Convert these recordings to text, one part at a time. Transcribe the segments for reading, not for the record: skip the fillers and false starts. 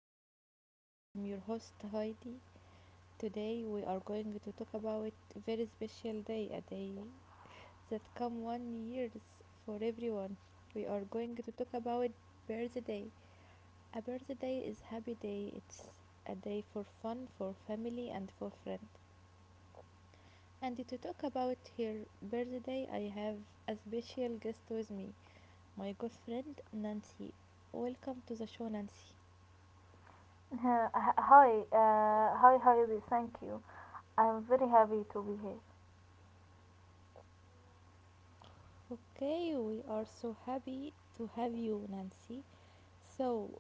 to Remember. I am your host Heidi. Today we are going to talk about a very special day, a day that come one years for everyone. We are going to talk about birthday. A birthday is happy day. It's a day for fun, for family, and for friend. And to talk about her birthday, I have a special guest with me, my good friend Nancy. Welcome to the show, Nancy. Uh, hi, Heidi, thank you. I'm very happy to be here. Okay, we are so happy to have you, Nancy. So,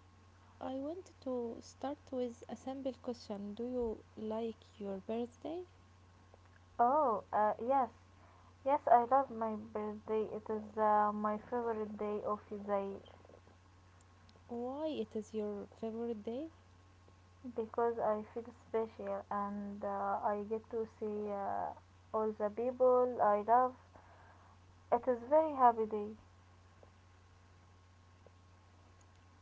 I want to start with a simple question. Do you like your birthday? Oh, yes, yes, I love my birthday. It is my favorite day of the year Why it is your favorite day? because I feel special and I get to see all the people I love. It is very happy day.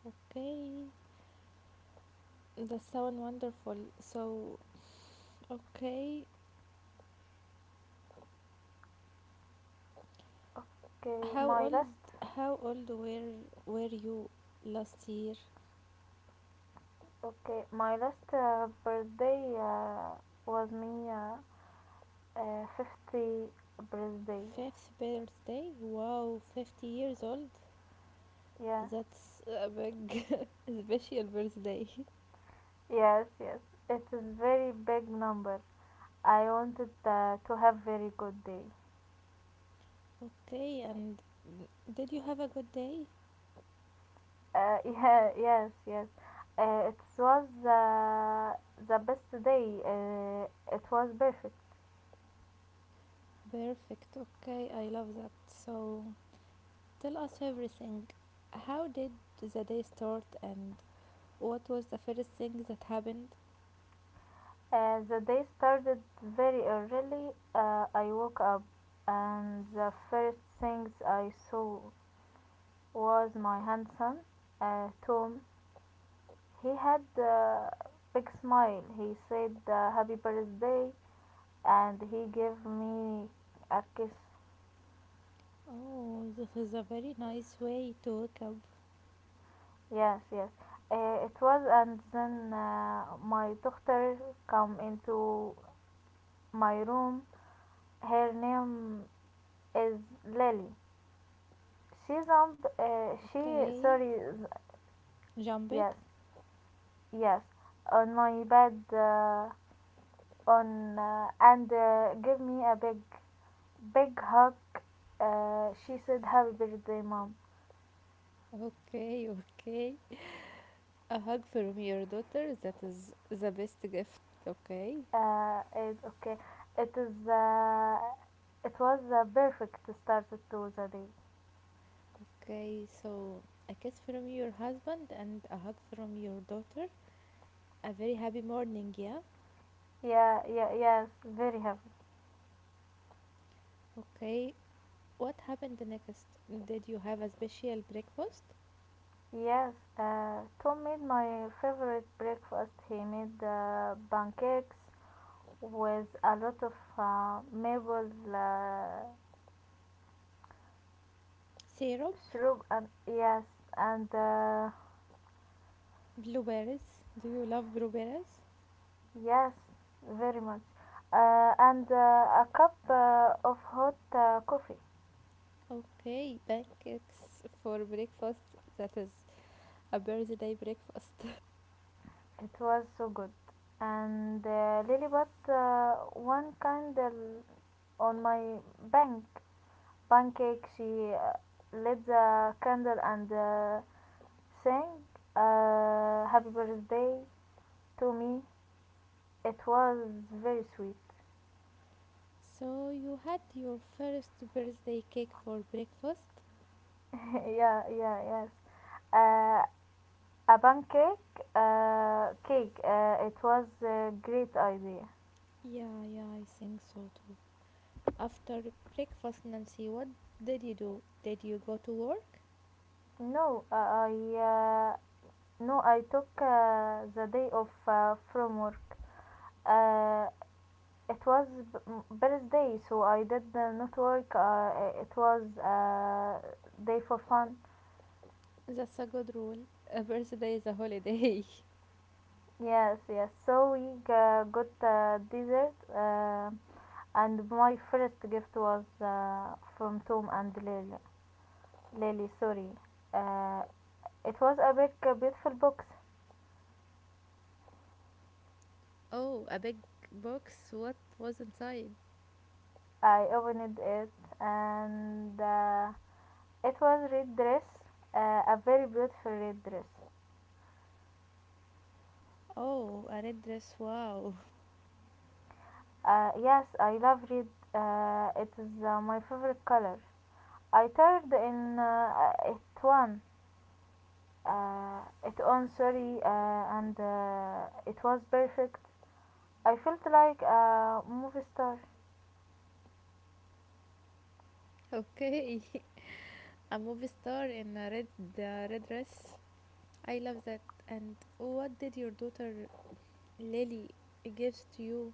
Okay, that sounds wonderful. So, okay, Okay, how my last, old how old were you last year? okay, my last birthday was me. 50 birthday. Fifth birthday? Wow, 50 years old. Yeah. That's a big special birthday. Yes, yes. It is very big number. I wanted to have very good day. Okay, and did you have a good day? Yeah, yes, yes. It was the best day. It was perfect. Perfect. Okay, I love that. So tell us everything. How did the day start and what was the first thing that happened? The day started very early. I woke up, and the first things I saw was my handsome Tom. He had a big smile. He said happy birthday and he gave me a kiss. Oh, this is a very nice way to wake up. Yes, yes. It was, and then my daughter come into my room. Her name is Lily. She's on, she, Okay, sorry. jump Yes, it. yes. On my bed, on, and give me a big hug. She said, "Happy birthday, Mom." Okay, okay. A hug from your daughter, that is the best gift. Okay. Okay. It is. It was a perfect start to the day. Okay, so a kiss from your husband and a hug from your daughter. A very happy morning, yeah? Yeah, yeah, yes, very happy. Okay, what happened the next? Did you have a special breakfast? Yes, Tom made my favorite breakfast. He made pancakes with a lot of maple Syrup, syrup, and yes, and blueberries. Do you love blueberries? yes, very much. And a cup of hot coffee. Okay, pancakes for breakfast. That is a birthday breakfast. It was so good. And Lilibut one candle on my bank pancake. She lit the candle and sang "Happy Birthday" to me. It was very sweet. So you had your first birthday cake for breakfast? yeah, yeah, yes. Uh, a pancake cake. It was a great idea. Yeah, yeah, I think so too. After breakfast, Nancy, what did you do? Did you go to work? No, uh, I uh, no, I took the day off from work. Uh, it was birthday, so I did not work. It was day for fun. That's a good rule. A birthday is a holiday. Yes, yes. So we got dessert, and my first gift was from Tom and Leila. Lily, sorry. Uh, it was a big, beautiful box. Oh, a big box. What was inside? I opened it and it was red dress, a very beautiful red dress. Oh, a red dress. Wow. Yes, I love red. It is my favorite color. I turned in it one, it on, sorry, and it was perfect. I felt like a movie star. Okay. A movie star in a red the red dress. I love that. And what did your daughter Lily gives to you?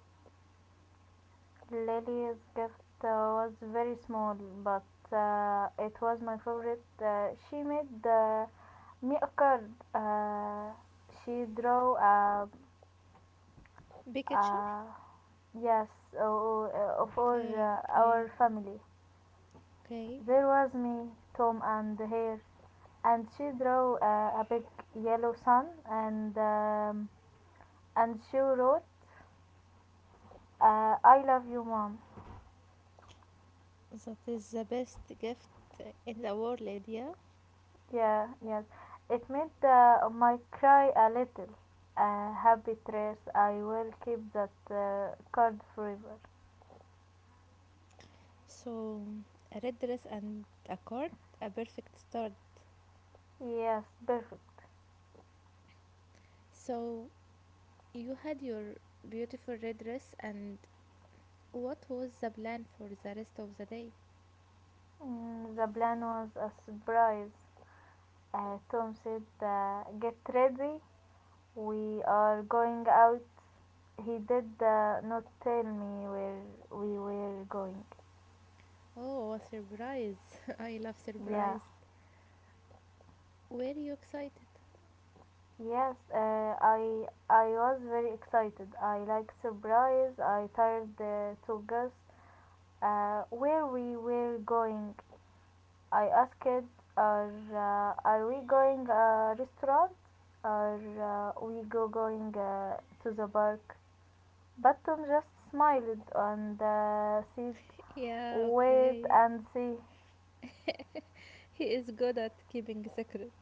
Lily's gift was very small, but it was my favorite. She made me a card. She drew a, Big picture? a yes, o- of our, Okay, uh, okay, our family. okay. There was me, Tom, and her, and she drew a big yellow sun, and she wrote, "I love you, Mom." That is the best gift in the world, Lydia. Yeah, yes. It made my cry a little. A happy trace. I will keep that card forever. So, a red dress and a card, a perfect start. Yes, perfect. So, you had your beautiful red dress, and what was the plan for the rest of the day? The plan was a surprise. Tom said, "Get ready. We are going out." He did not tell me where we were going. Oh, a surprise. I love Yeah. surprised. Were you excited? Yes, I was very excited. I like surprise. I tired to guess where we were going. I asked, "Are we going a restaurant? Are we go going to the park?" But Tom just smiled and said, Yeah, "Wait okay. and see." He is good at keeping secret.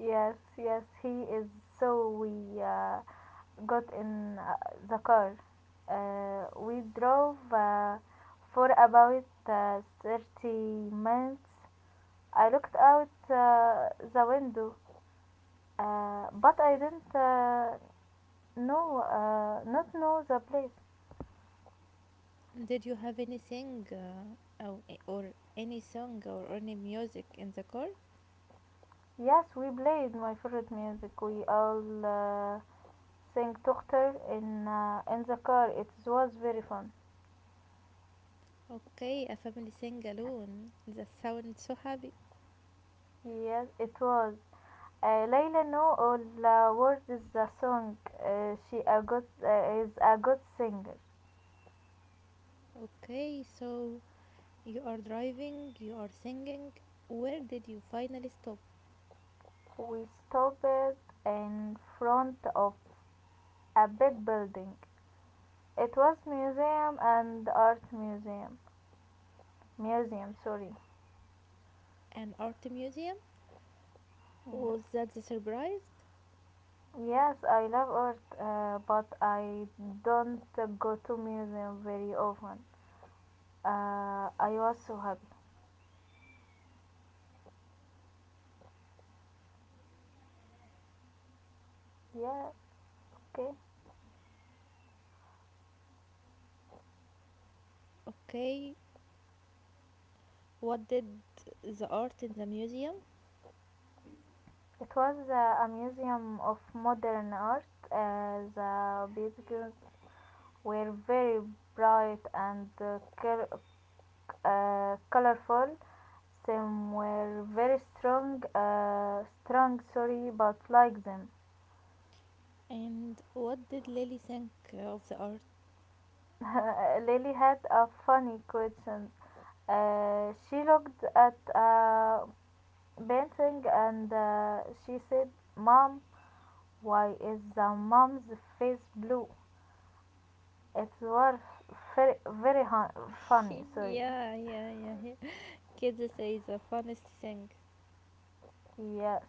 Yes, yes, he is. So we got in the car. We drove for about 30 minutes. I looked out the window, but I didn't know, not know the place. Did you have anything or any song or any music in the car? Yes, we played my favorite music. We all sang Tochter in the car. It was very fun. Okay, a family sing alone. That sounds so happy. Yes, it was. Layla know all the words of the song. She a good is a good singer. Okay, so you are driving, you are singing. Where did you finally stop? We stopped in front of a big building. It was museum and art museum. Museum, sorry. An art museum? Yes. Was that the surprise? Yes, I love art, but I don't go to museum very often. I was so happy. Yeah, okay. Okay, what did the art in the museum? It was a museum of modern art. The pictures were very bright and colorful. Some were very strong. Sorry, but like them. And what did Lily think of the art? Lily had a funny question. She looked at a painting and she said, "Mom, why is the mom's face blue?" It was very, very funny, sorry. Yeah, yeah, yeah, yeah. Kids say the funniest thing. Yes.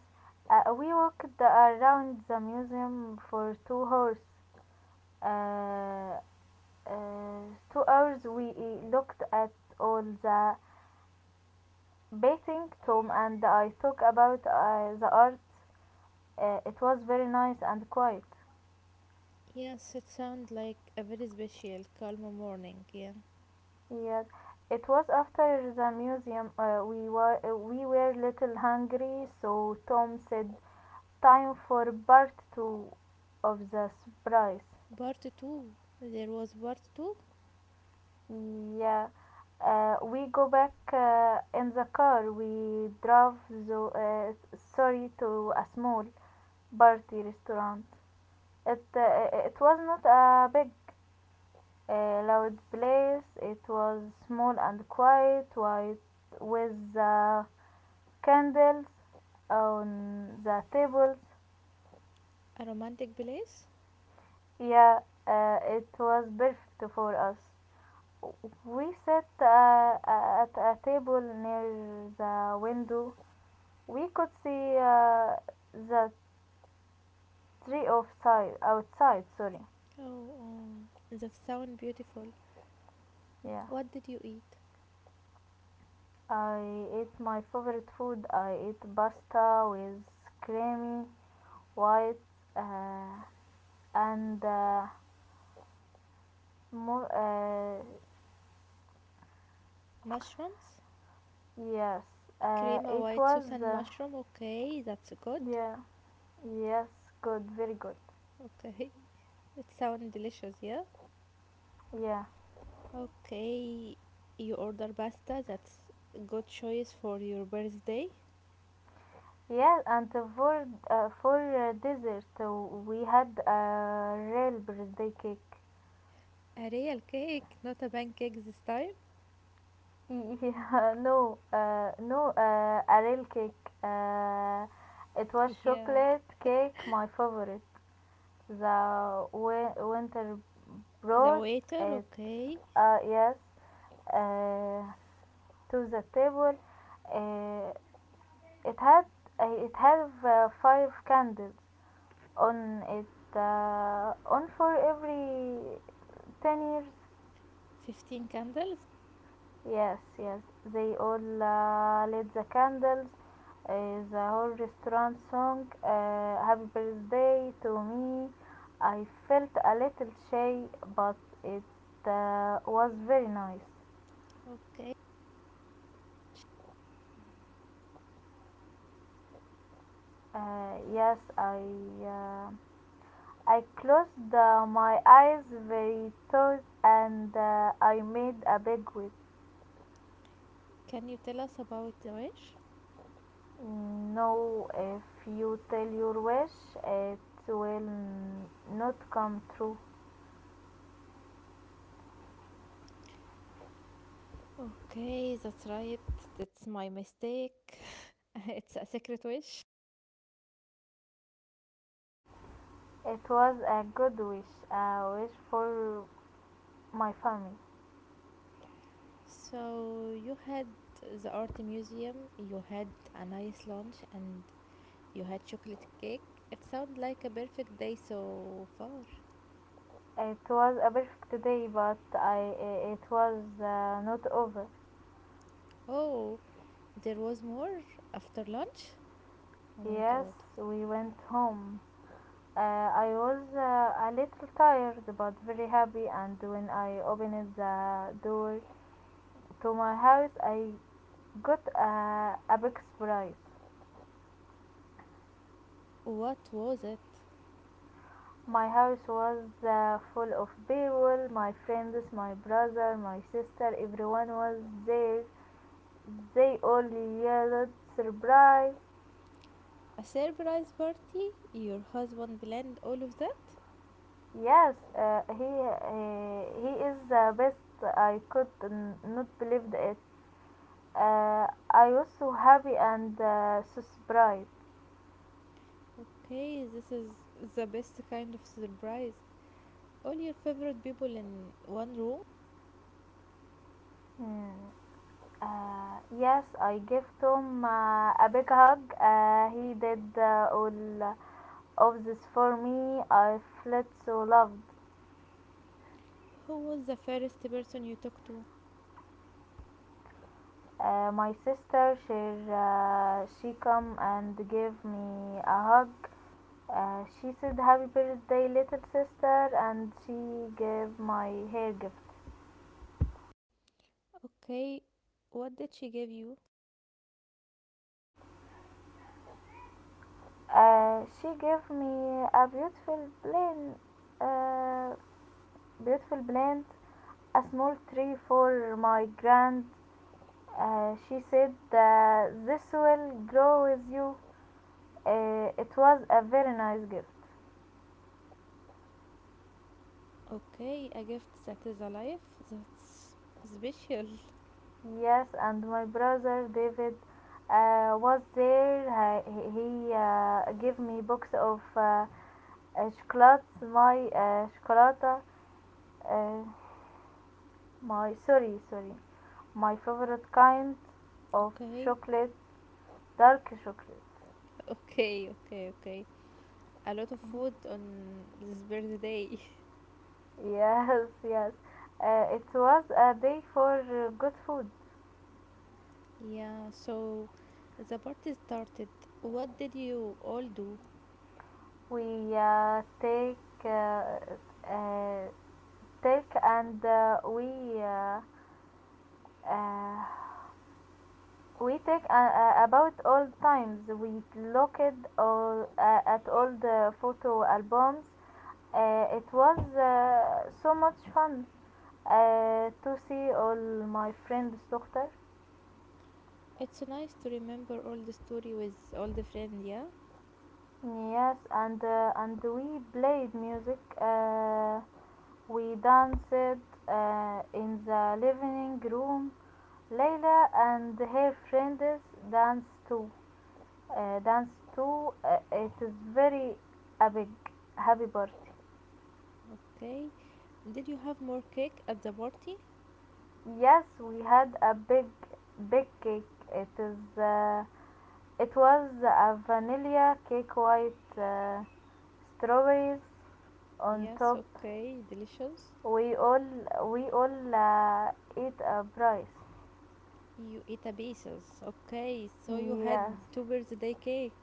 We walked around the museum for 2 hours. Uh, uh, 2 hours we looked at all the painting. Tom and I talked about the art. It was very nice and quiet. Yes, it sounds like a very special, calm morning, yeah. Yes, it was. After the museum, we were little hungry, so Tom said, "Time for part two of the surprise." Part 2. There was part 2? Yeah, we go back in the car. We drove the sorry, to a small party restaurant. It was not a big, a loud place. It was small and quiet, white, with the candles on the tables. A romantic place? Yeah, it was perfect for us. We sat at a table near the window. We could see the tree outside. Sorry. Oh, oh, that sounds beautiful. Yeah. What did you eat? I ate my favorite food. I ate pasta with creamy white, uh, and more, Mushrooms? yes, Crema it white was sauce and mushroom? Okay, that's good. yeah, yes, good, very good, Okay, it sounds delicious, yeah? yeah, Okay, you order pasta, that's a good choice for your birthday. yeah, and for dessert we had a real birthday cake. A real cake, not a pancake this time? yeah, no, a real cake, uh, it was Yeah, chocolate cake, my favorite. The winter the brought waiter, it, okay. Yes, uh, to the table. Uh, it had it had five candles on it, on for every 10 years. 15 candles. Yes, yes. They all lit the candles. The whole restaurant song "Happy Birthday to Me." I felt a little shy, but it was very nice. Okay, Yes, uh, I closed my eyes very tight and I made a big wish. can you tell us about the wish? No, if you tell your wish, it will not come true. Okay, that's right. That's my mistake. It's a secret wish. It was a good wish, a wish for my family. So you had the art museum, you had a nice lunch, and you had chocolate cake. It sounds like a perfect day so far. It was a perfect day, but it was not over. Oh, there was more after lunch? Oh my Yes, god. we went home. I was a little tired, but very happy. And when I opened the door to my house, I got a big surprise. What was it? My house was full of people, my friends, my brother, my sister, everyone was there. They only yelled surprise. A surprise party? Your husband planned all of that? Yes, he is the best. I could not believe it. I was so happy and so surprised. Okay, this is the best kind of surprise. All your favorite people in one room? Hmm. Yes, I gave Tom a big hug. He did all of this for me. I felt so loved. Who was the first person you talked to? My sister, she come and gave me a hug. She said, "Happy birthday, little sister," and she gave my hair gift. Okay, what did she give you? She gave me a uh, beautiful plant, a small tree for my grand. She said that this will grow with you. It was a very nice gift. Okay, a gift that is alive? That's special. Yes, and my brother David was there. He gave me box of chocolates, my chocolate, uh, my sorry, sorry, my favorite kind of Okay, chocolate, dark chocolate. okay, okay, okay. A lot of food on this birthday. Yes, yes. It was a day for good food. Yeah, so the party started. What did you all do? We take uh, uh, take and we. Uh, we take about old times. We looked at all the photo albums. It was so much fun to see all my friends doctor. It's nice to remember all the story with all the friends, yeah? Yes, and and we played music. We danced in the living room. Layla and her friends danced too. Dance to It is very a big happy birthday. Okay. Did you have more cake at the party? Yes, we had a big, big cake. It is uh, it was a vanilla cake, white strawberries on Yes, top. okay, delicious. We all we all eat a rice. You eat a pieces. Okay, so you Yes, had two birthday cake.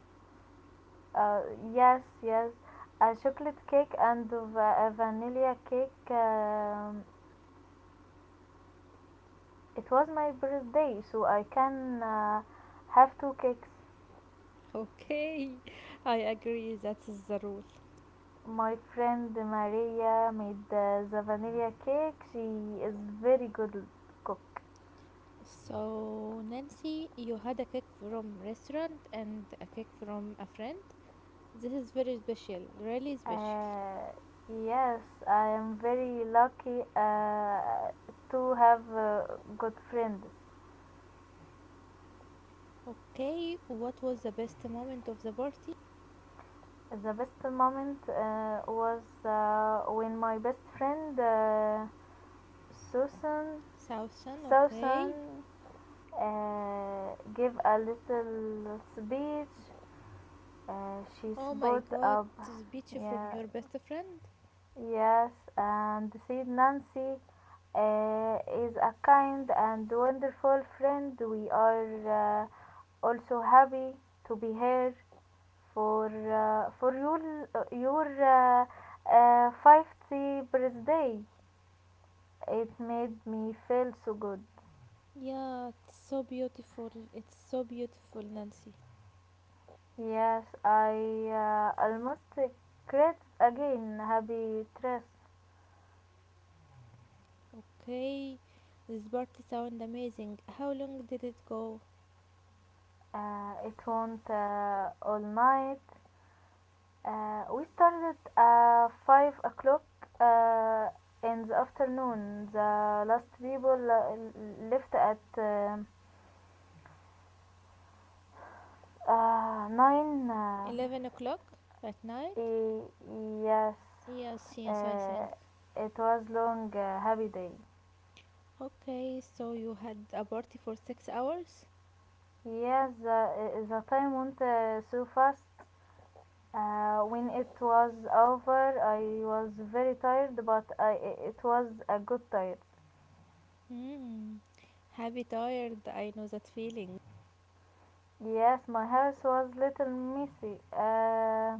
uh, yes, yes, a chocolate cake and a vanilla cake. It was my birthday, so I can have two cakes. Okay, I agree, that is the rule. My friend Maria made the vanilla cake. She is very good cook. So, Nancy, you had a cake from restaurant and a cake from a friend. This is very special, really special. Uh, yes, I am very lucky to have good friends. Okay, what was the best moment of the party? The best moment was when my best friend Susan Southsan, Susan okay. Give a little speech. She Oh my stood god, up, this speech from yeah, your best friend? yes, and said, "Nancy is a kind and wonderful friend. We are also happy to be here for your 50th birthday." It made me feel so good. Yeah, it's so beautiful. It's so beautiful, Nancy. Yes, I almost create again happy dress. Okay, this party sound amazing. How long did it go? It went all night. We started at 5 o'clock uh, in the afternoon. The last people left at 9. 11 o'clock at night? e- yes, Yes, yes, I uh, think. it was long, happy day. Okay, so you had a party for 6 hours? Yes, the time went so fast. When it was over, I was very tired, but it was a good tired. Hmm, happy tired. I know that feeling. Yes, my house was little messy. Uh,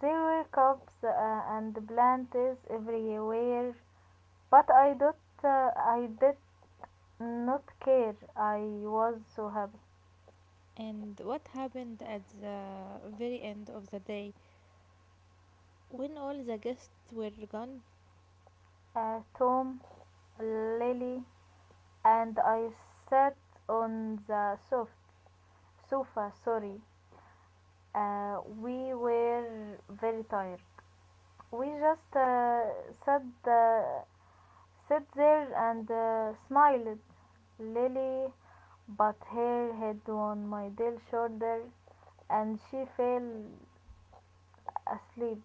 there were cups and plants everywhere, but I don't, I did not care. I was so happy. And what happened at the very end of the day when all the guests were gone? Tom, Lily, and I sat on the soft sofa. Sorry, we were very tired. We just sat, uh, sat there and smiled. Lily but her head on my dear shoulder and she fell asleep.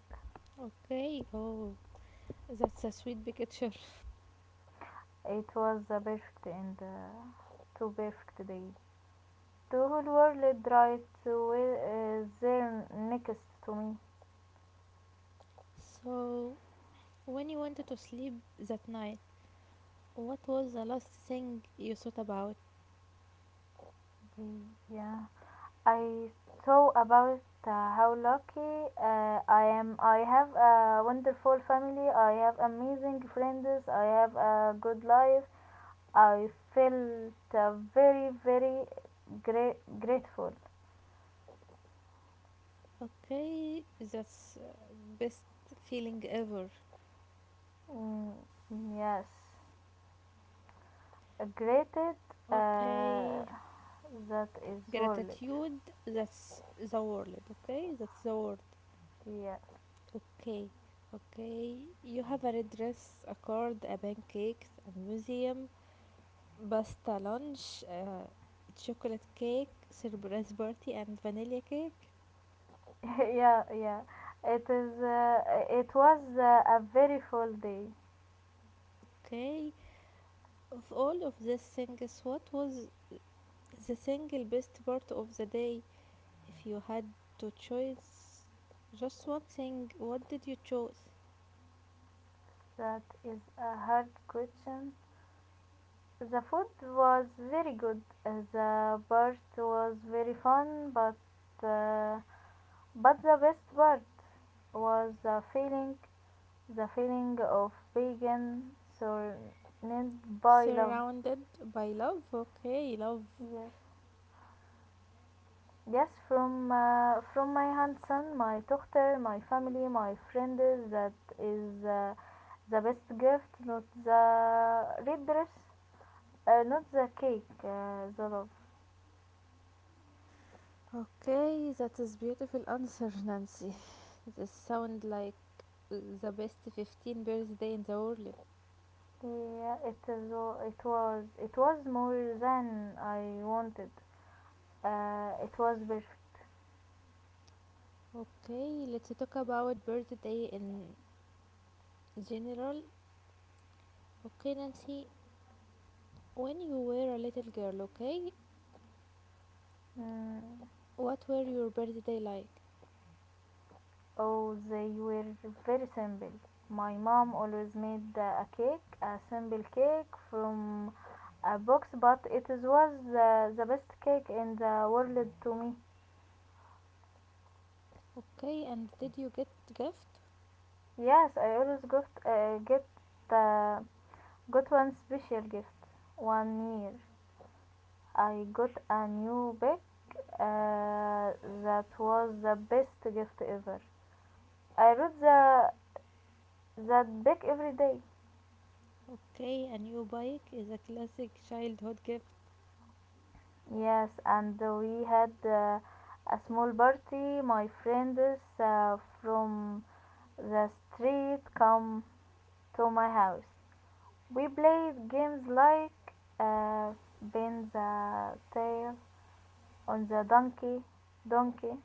Okay, oh, that's a sweet picture. It was a perfect and to perfect day. The whole world right to there next to me. So, when you wanted to sleep that night, what was the last thing you thought about? Yeah. I saw about how lucky I am. I have a wonderful family. I have amazing friends. I have a good life. I felt very, very grateful. Okay, that's best feeling ever. Mm, yes, grateful uh, Okay, that is worth it. gratitude, that's the word, okay? That's the word. Yes. Okay, okay. You have a red dress, a card, a pancake, a museum, باستا لانش آه، chocolate cake, surprise party, and vanilla cake. Yeah, yeah. It is. It was a very full day. Okay, of all of these things, what was the single best part of the day? If you had to choose just one thing, what did you choose? That is a hard question. The food was very good. The part was very fun, uh, but the best part was the feeling of being surrounded by love. Surrounded by love. Okay, love. Yes, yes, from my handsome, my daughter, my family, my friends. That is the best gift, not the red dress, not the cake, the love. Okay, that is beautiful answer, Nancy. This sound like the best 15 birthday in the world. Yeah, it is. It was. It was more than I wanted. It was perfect. Okay, let's talk about birthday in general. Okay, Nancy, when you were a little girl, okay, Mm, what were your birthday like? oh, they were very simple. My mom always made a cake, a simple cake from a box, but was the best cake in the world to me. Okay, and did you get gift? Yes, I always uh, got one special gift one year. I got a new bag uh, that was the best gift ever. I read the, that bag every day. Okay, a new bike is a classic childhood gift. Yes, and we had a small party. My friends from the street come to my house. We played games like uh, bend the tail on the donkey.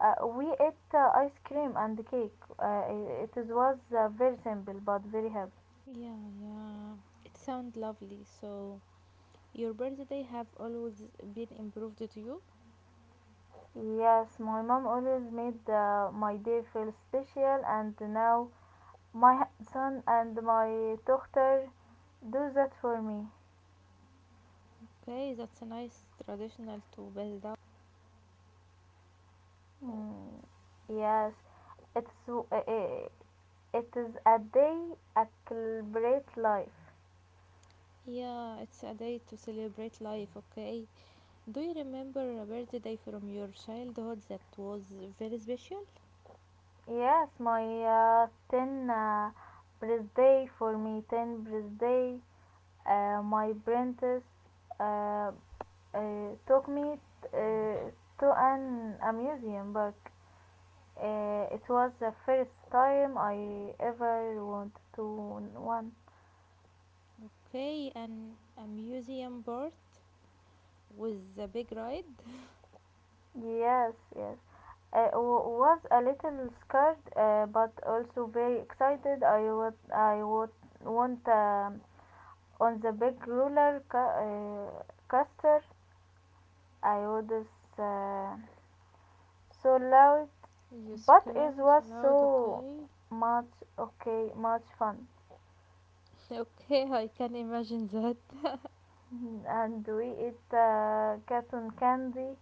We ate ice cream and cake. It was very simple but very happy. Yeah, yeah, it sounds lovely. So, your birthday have always been improved to you? Yes, my mom always made my day feel special, and now my son and my daughter do that for me. Okay, that's a nice traditional to build up. Mm, yes, it's w- i- i- it is a day I celebrate life. Yeah, it's a day to celebrate life, okay? Do you remember a birthday from your childhood that was very special? Yes, my ten birthday for me, ten birthday my apprentice uh, took me uh, to an amusement park. It was the first time I ever went to one. Okay, and a museum board with a big ride. Yes, yes. I was a little scared, but also very excited. I would want on the big roller coaster. I would. Uh, so loud, You but it screamed was loud, so okay? much, okay, much fun. Okay, I can imagine that. And we ate cotton candy.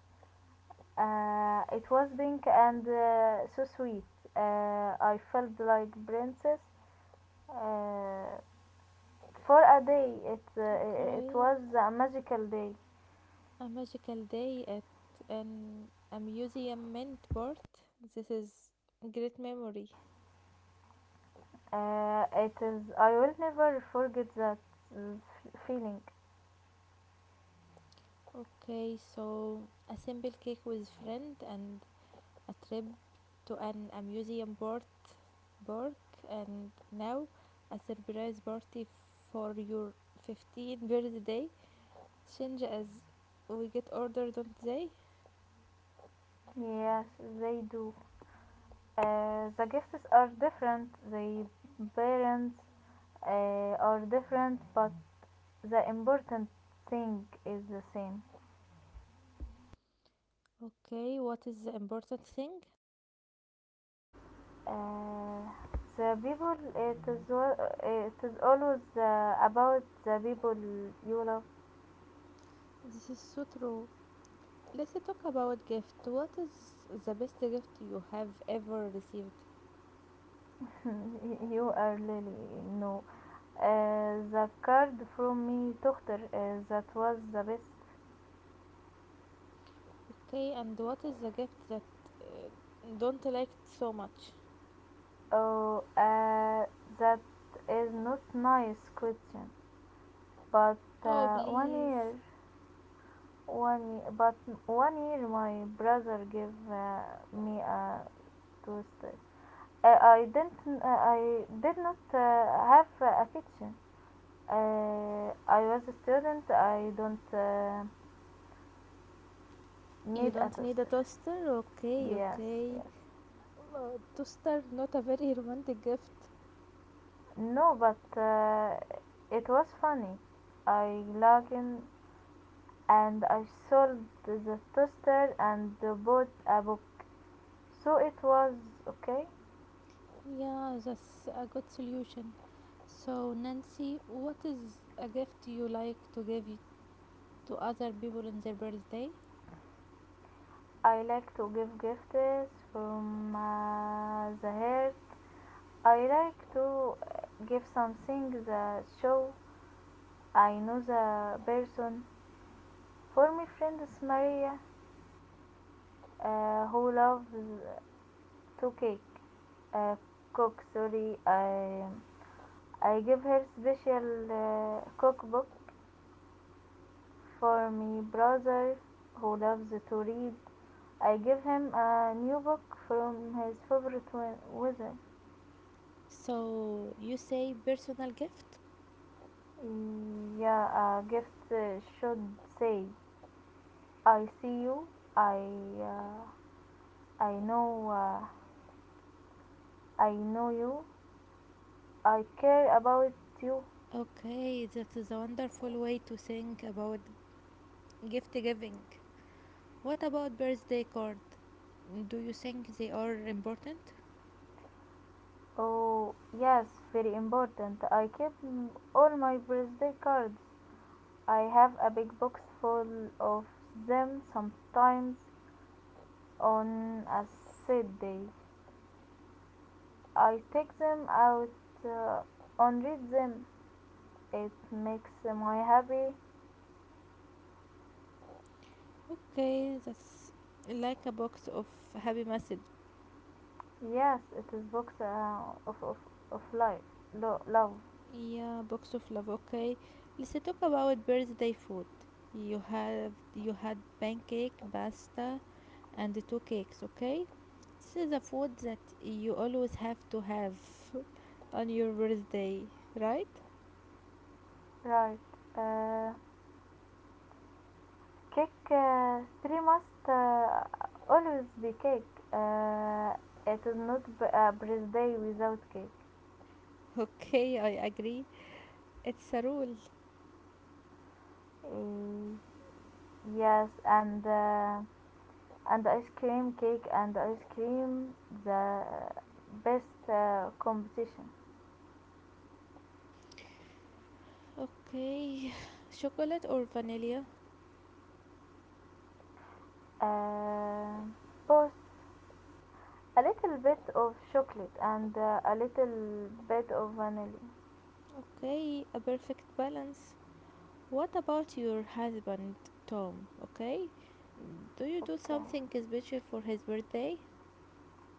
It was pink and so sweet. I felt like princess uh, for a day. It Okay. was a magical day. A magical day at an amusement board. This is great memory. It is. I will never forget that uh, feeling. Okay, so a simple cake with friend and a trip to an amusement board park and now a surprise party for your 15th birthday. Change as we get older, don't they? Yes, they do. The gifts are different, the parents are different, but the important thing is the same. Okay, what is the important thing? Uh, the people, it is always about the people you love. This is so true. Let's talk about gift. What is the best gift you have ever received? You are Lily, no. The card from me, doctor, that was the best. Okay, and what is the gift that uh, don't like so much? Oh, that is not nice question, but Oh, uh, one please. year but one year my brother gave me a toaster. I did not have a kitchen. I was a student. I don't You need a don't need a toaster. toaster? Okay, Yes, okay. yes. Toaster, not a very romantic gift. No, but it was funny. I logged in and I sold the toaster and bought a book. So it was okay. Yeah, that's a good solution. So, Nancy, what is a gift you like to give to other people on their birthday. I like to give gifts from the heart. I like to give something that show I know the person. For my friend Maria, who loves to uh, cook. Sorry, I give her special cookbook. For my brother, who loves to read, I give him a new book from his favorite wizard. So you say personal gift? Yeah, gifts should say, "I see you. I, uh, I know. I know you. I care about you." Okay, that is a wonderful way to think about gift giving. What about birthday card? Do you think they are important? Oh, yes, very important. I keep all my birthday cards. I have a big box full of them. Sometimes on a sad day, I take them out uh, and read them. It makes me happy. Okay, that's like a box of happy message. Yes, it is books of life, love, Yeah, box of love. Okay, let's talk about birthday food. You have you had pancake, pasta, and two cakes. Okay, this is a food that you always have to have on your birthday, right? right? Uh, cake three must always be cake. Uh, it is not a birthday without cake. Okay, I agree. It's a rule. Uh, yes, and ice cream cake and ice cream the best competition. Okay, chocolate or vanilla? Uh, post a little bit of chocolate and a little bit of vanilla. Okay, a perfect balance. What about your husband, Tom? Okay, do you do Okay, something special for his birthday?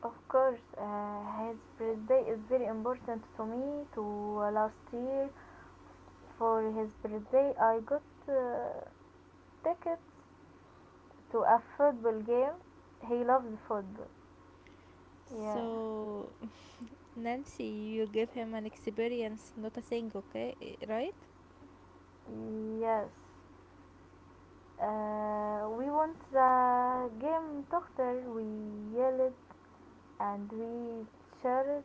of course his birthday is very important to me to. Last year for his birthday I got uh, tickets to a football game. He loves football. Yeah, So, Nancy, you give him an experience, not a thing, okay? Right? yes, we want the game doctor. We yelled and we cheered.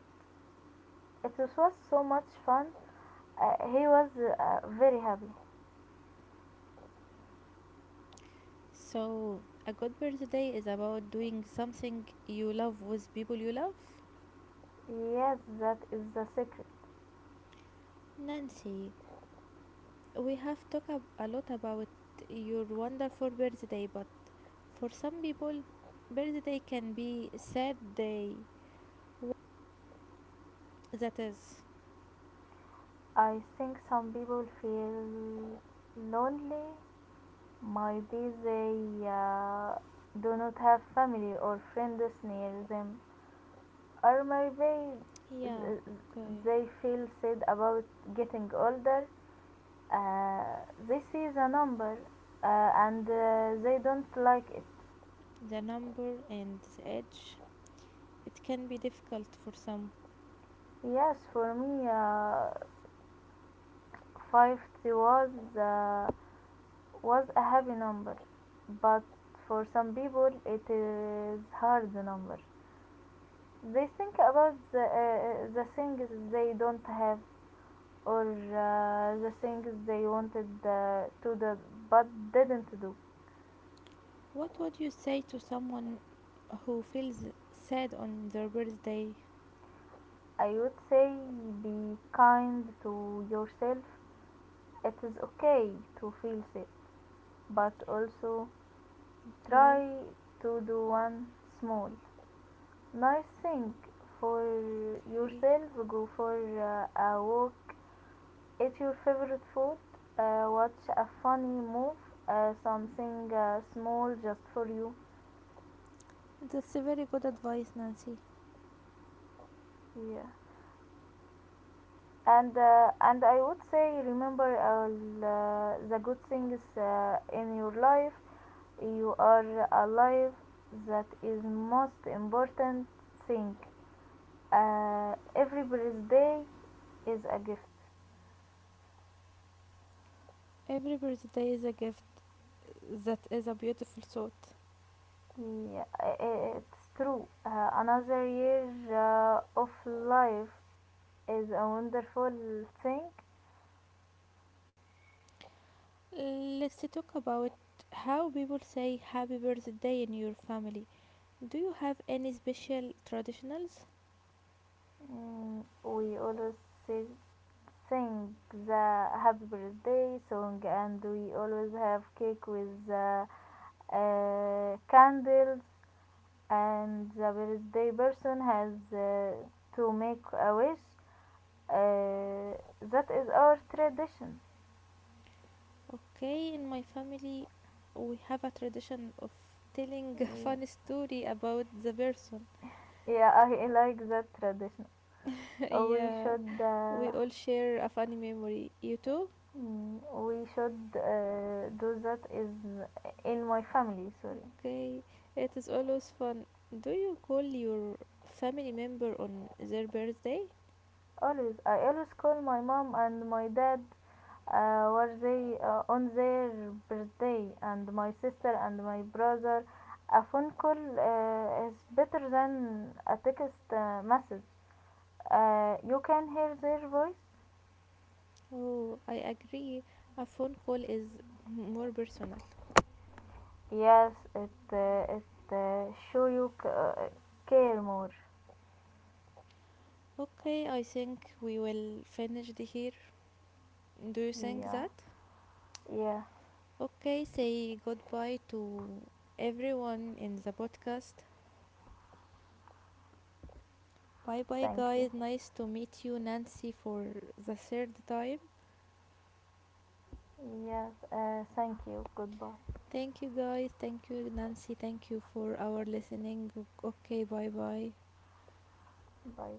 It was so much fun. He was very happy. So, a good birthday is about doing something you love with people you love. Yes, that is the secret. Nancy, we have talked a lot about your wonderful birthday, but for some people, birthday can be sad day. Wha- That is, I think some people feel lonely. Maybe they do not have family or friends near them, or maybe yeah, th- okay. they feel sad about getting older. Uh, this is a number, and they don't like it. The number and the age, it can be difficult for some. Yes, for me. Fifty was a happy number, but for some people it is hard number. They think about the things they don't have or the things they wanted to do but didn't do. What would you say to someone who feels sad on their birthday? I would say be kind to yourself. It is okay to feel sick, but also Okay, try to do one small. Nice thing for okay. yourself, go for a walk, eat your favorite food, watch a funny move, something small just for you. That's a very good advice, Nancy. Yeah. And I would say remember all the good things in your life. You are alive. That is most important thing. Every birthday is a gift. Every birthday is a gift, that is a beautiful thought. Yeah, it's true. Another year of life is a wonderful thing. Let's talk about how people say happy birthday in your family. Do you have any special traditionals? Mm, we always si- sing the happy birthday song, and we always have cake with candles, and the birthday person has to make a wish. Uh, that is our tradition. Okay, in my family, we have a tradition of telling a Y- funny story about the person. Yeah, I like that tradition. we Yeah, should we uh, all share a funny memory. You too? mm, we should do that is in my family. Sorry. Okay, it is always fun. Do you call your family member on their birthday? Always, I always call my mom and my dad were they on their birthday and my sister and my brother. A phone call is better than a text message. You can hear their voice. Oh, I agree. A phone call is more personal. Yes, it uh, show you care more. Okay, I think we will finish the here. Do you think Yeah, that? yeah, Okay, say goodbye to everyone in the podcast. Bye bye, thank you. guys. Nice to meet you, Nancy, for the third time. Yes, thank you. Goodbye. Thank you, guys. Thank you, Nancy. Thank you for our listening. Okay, bye bye. Bye.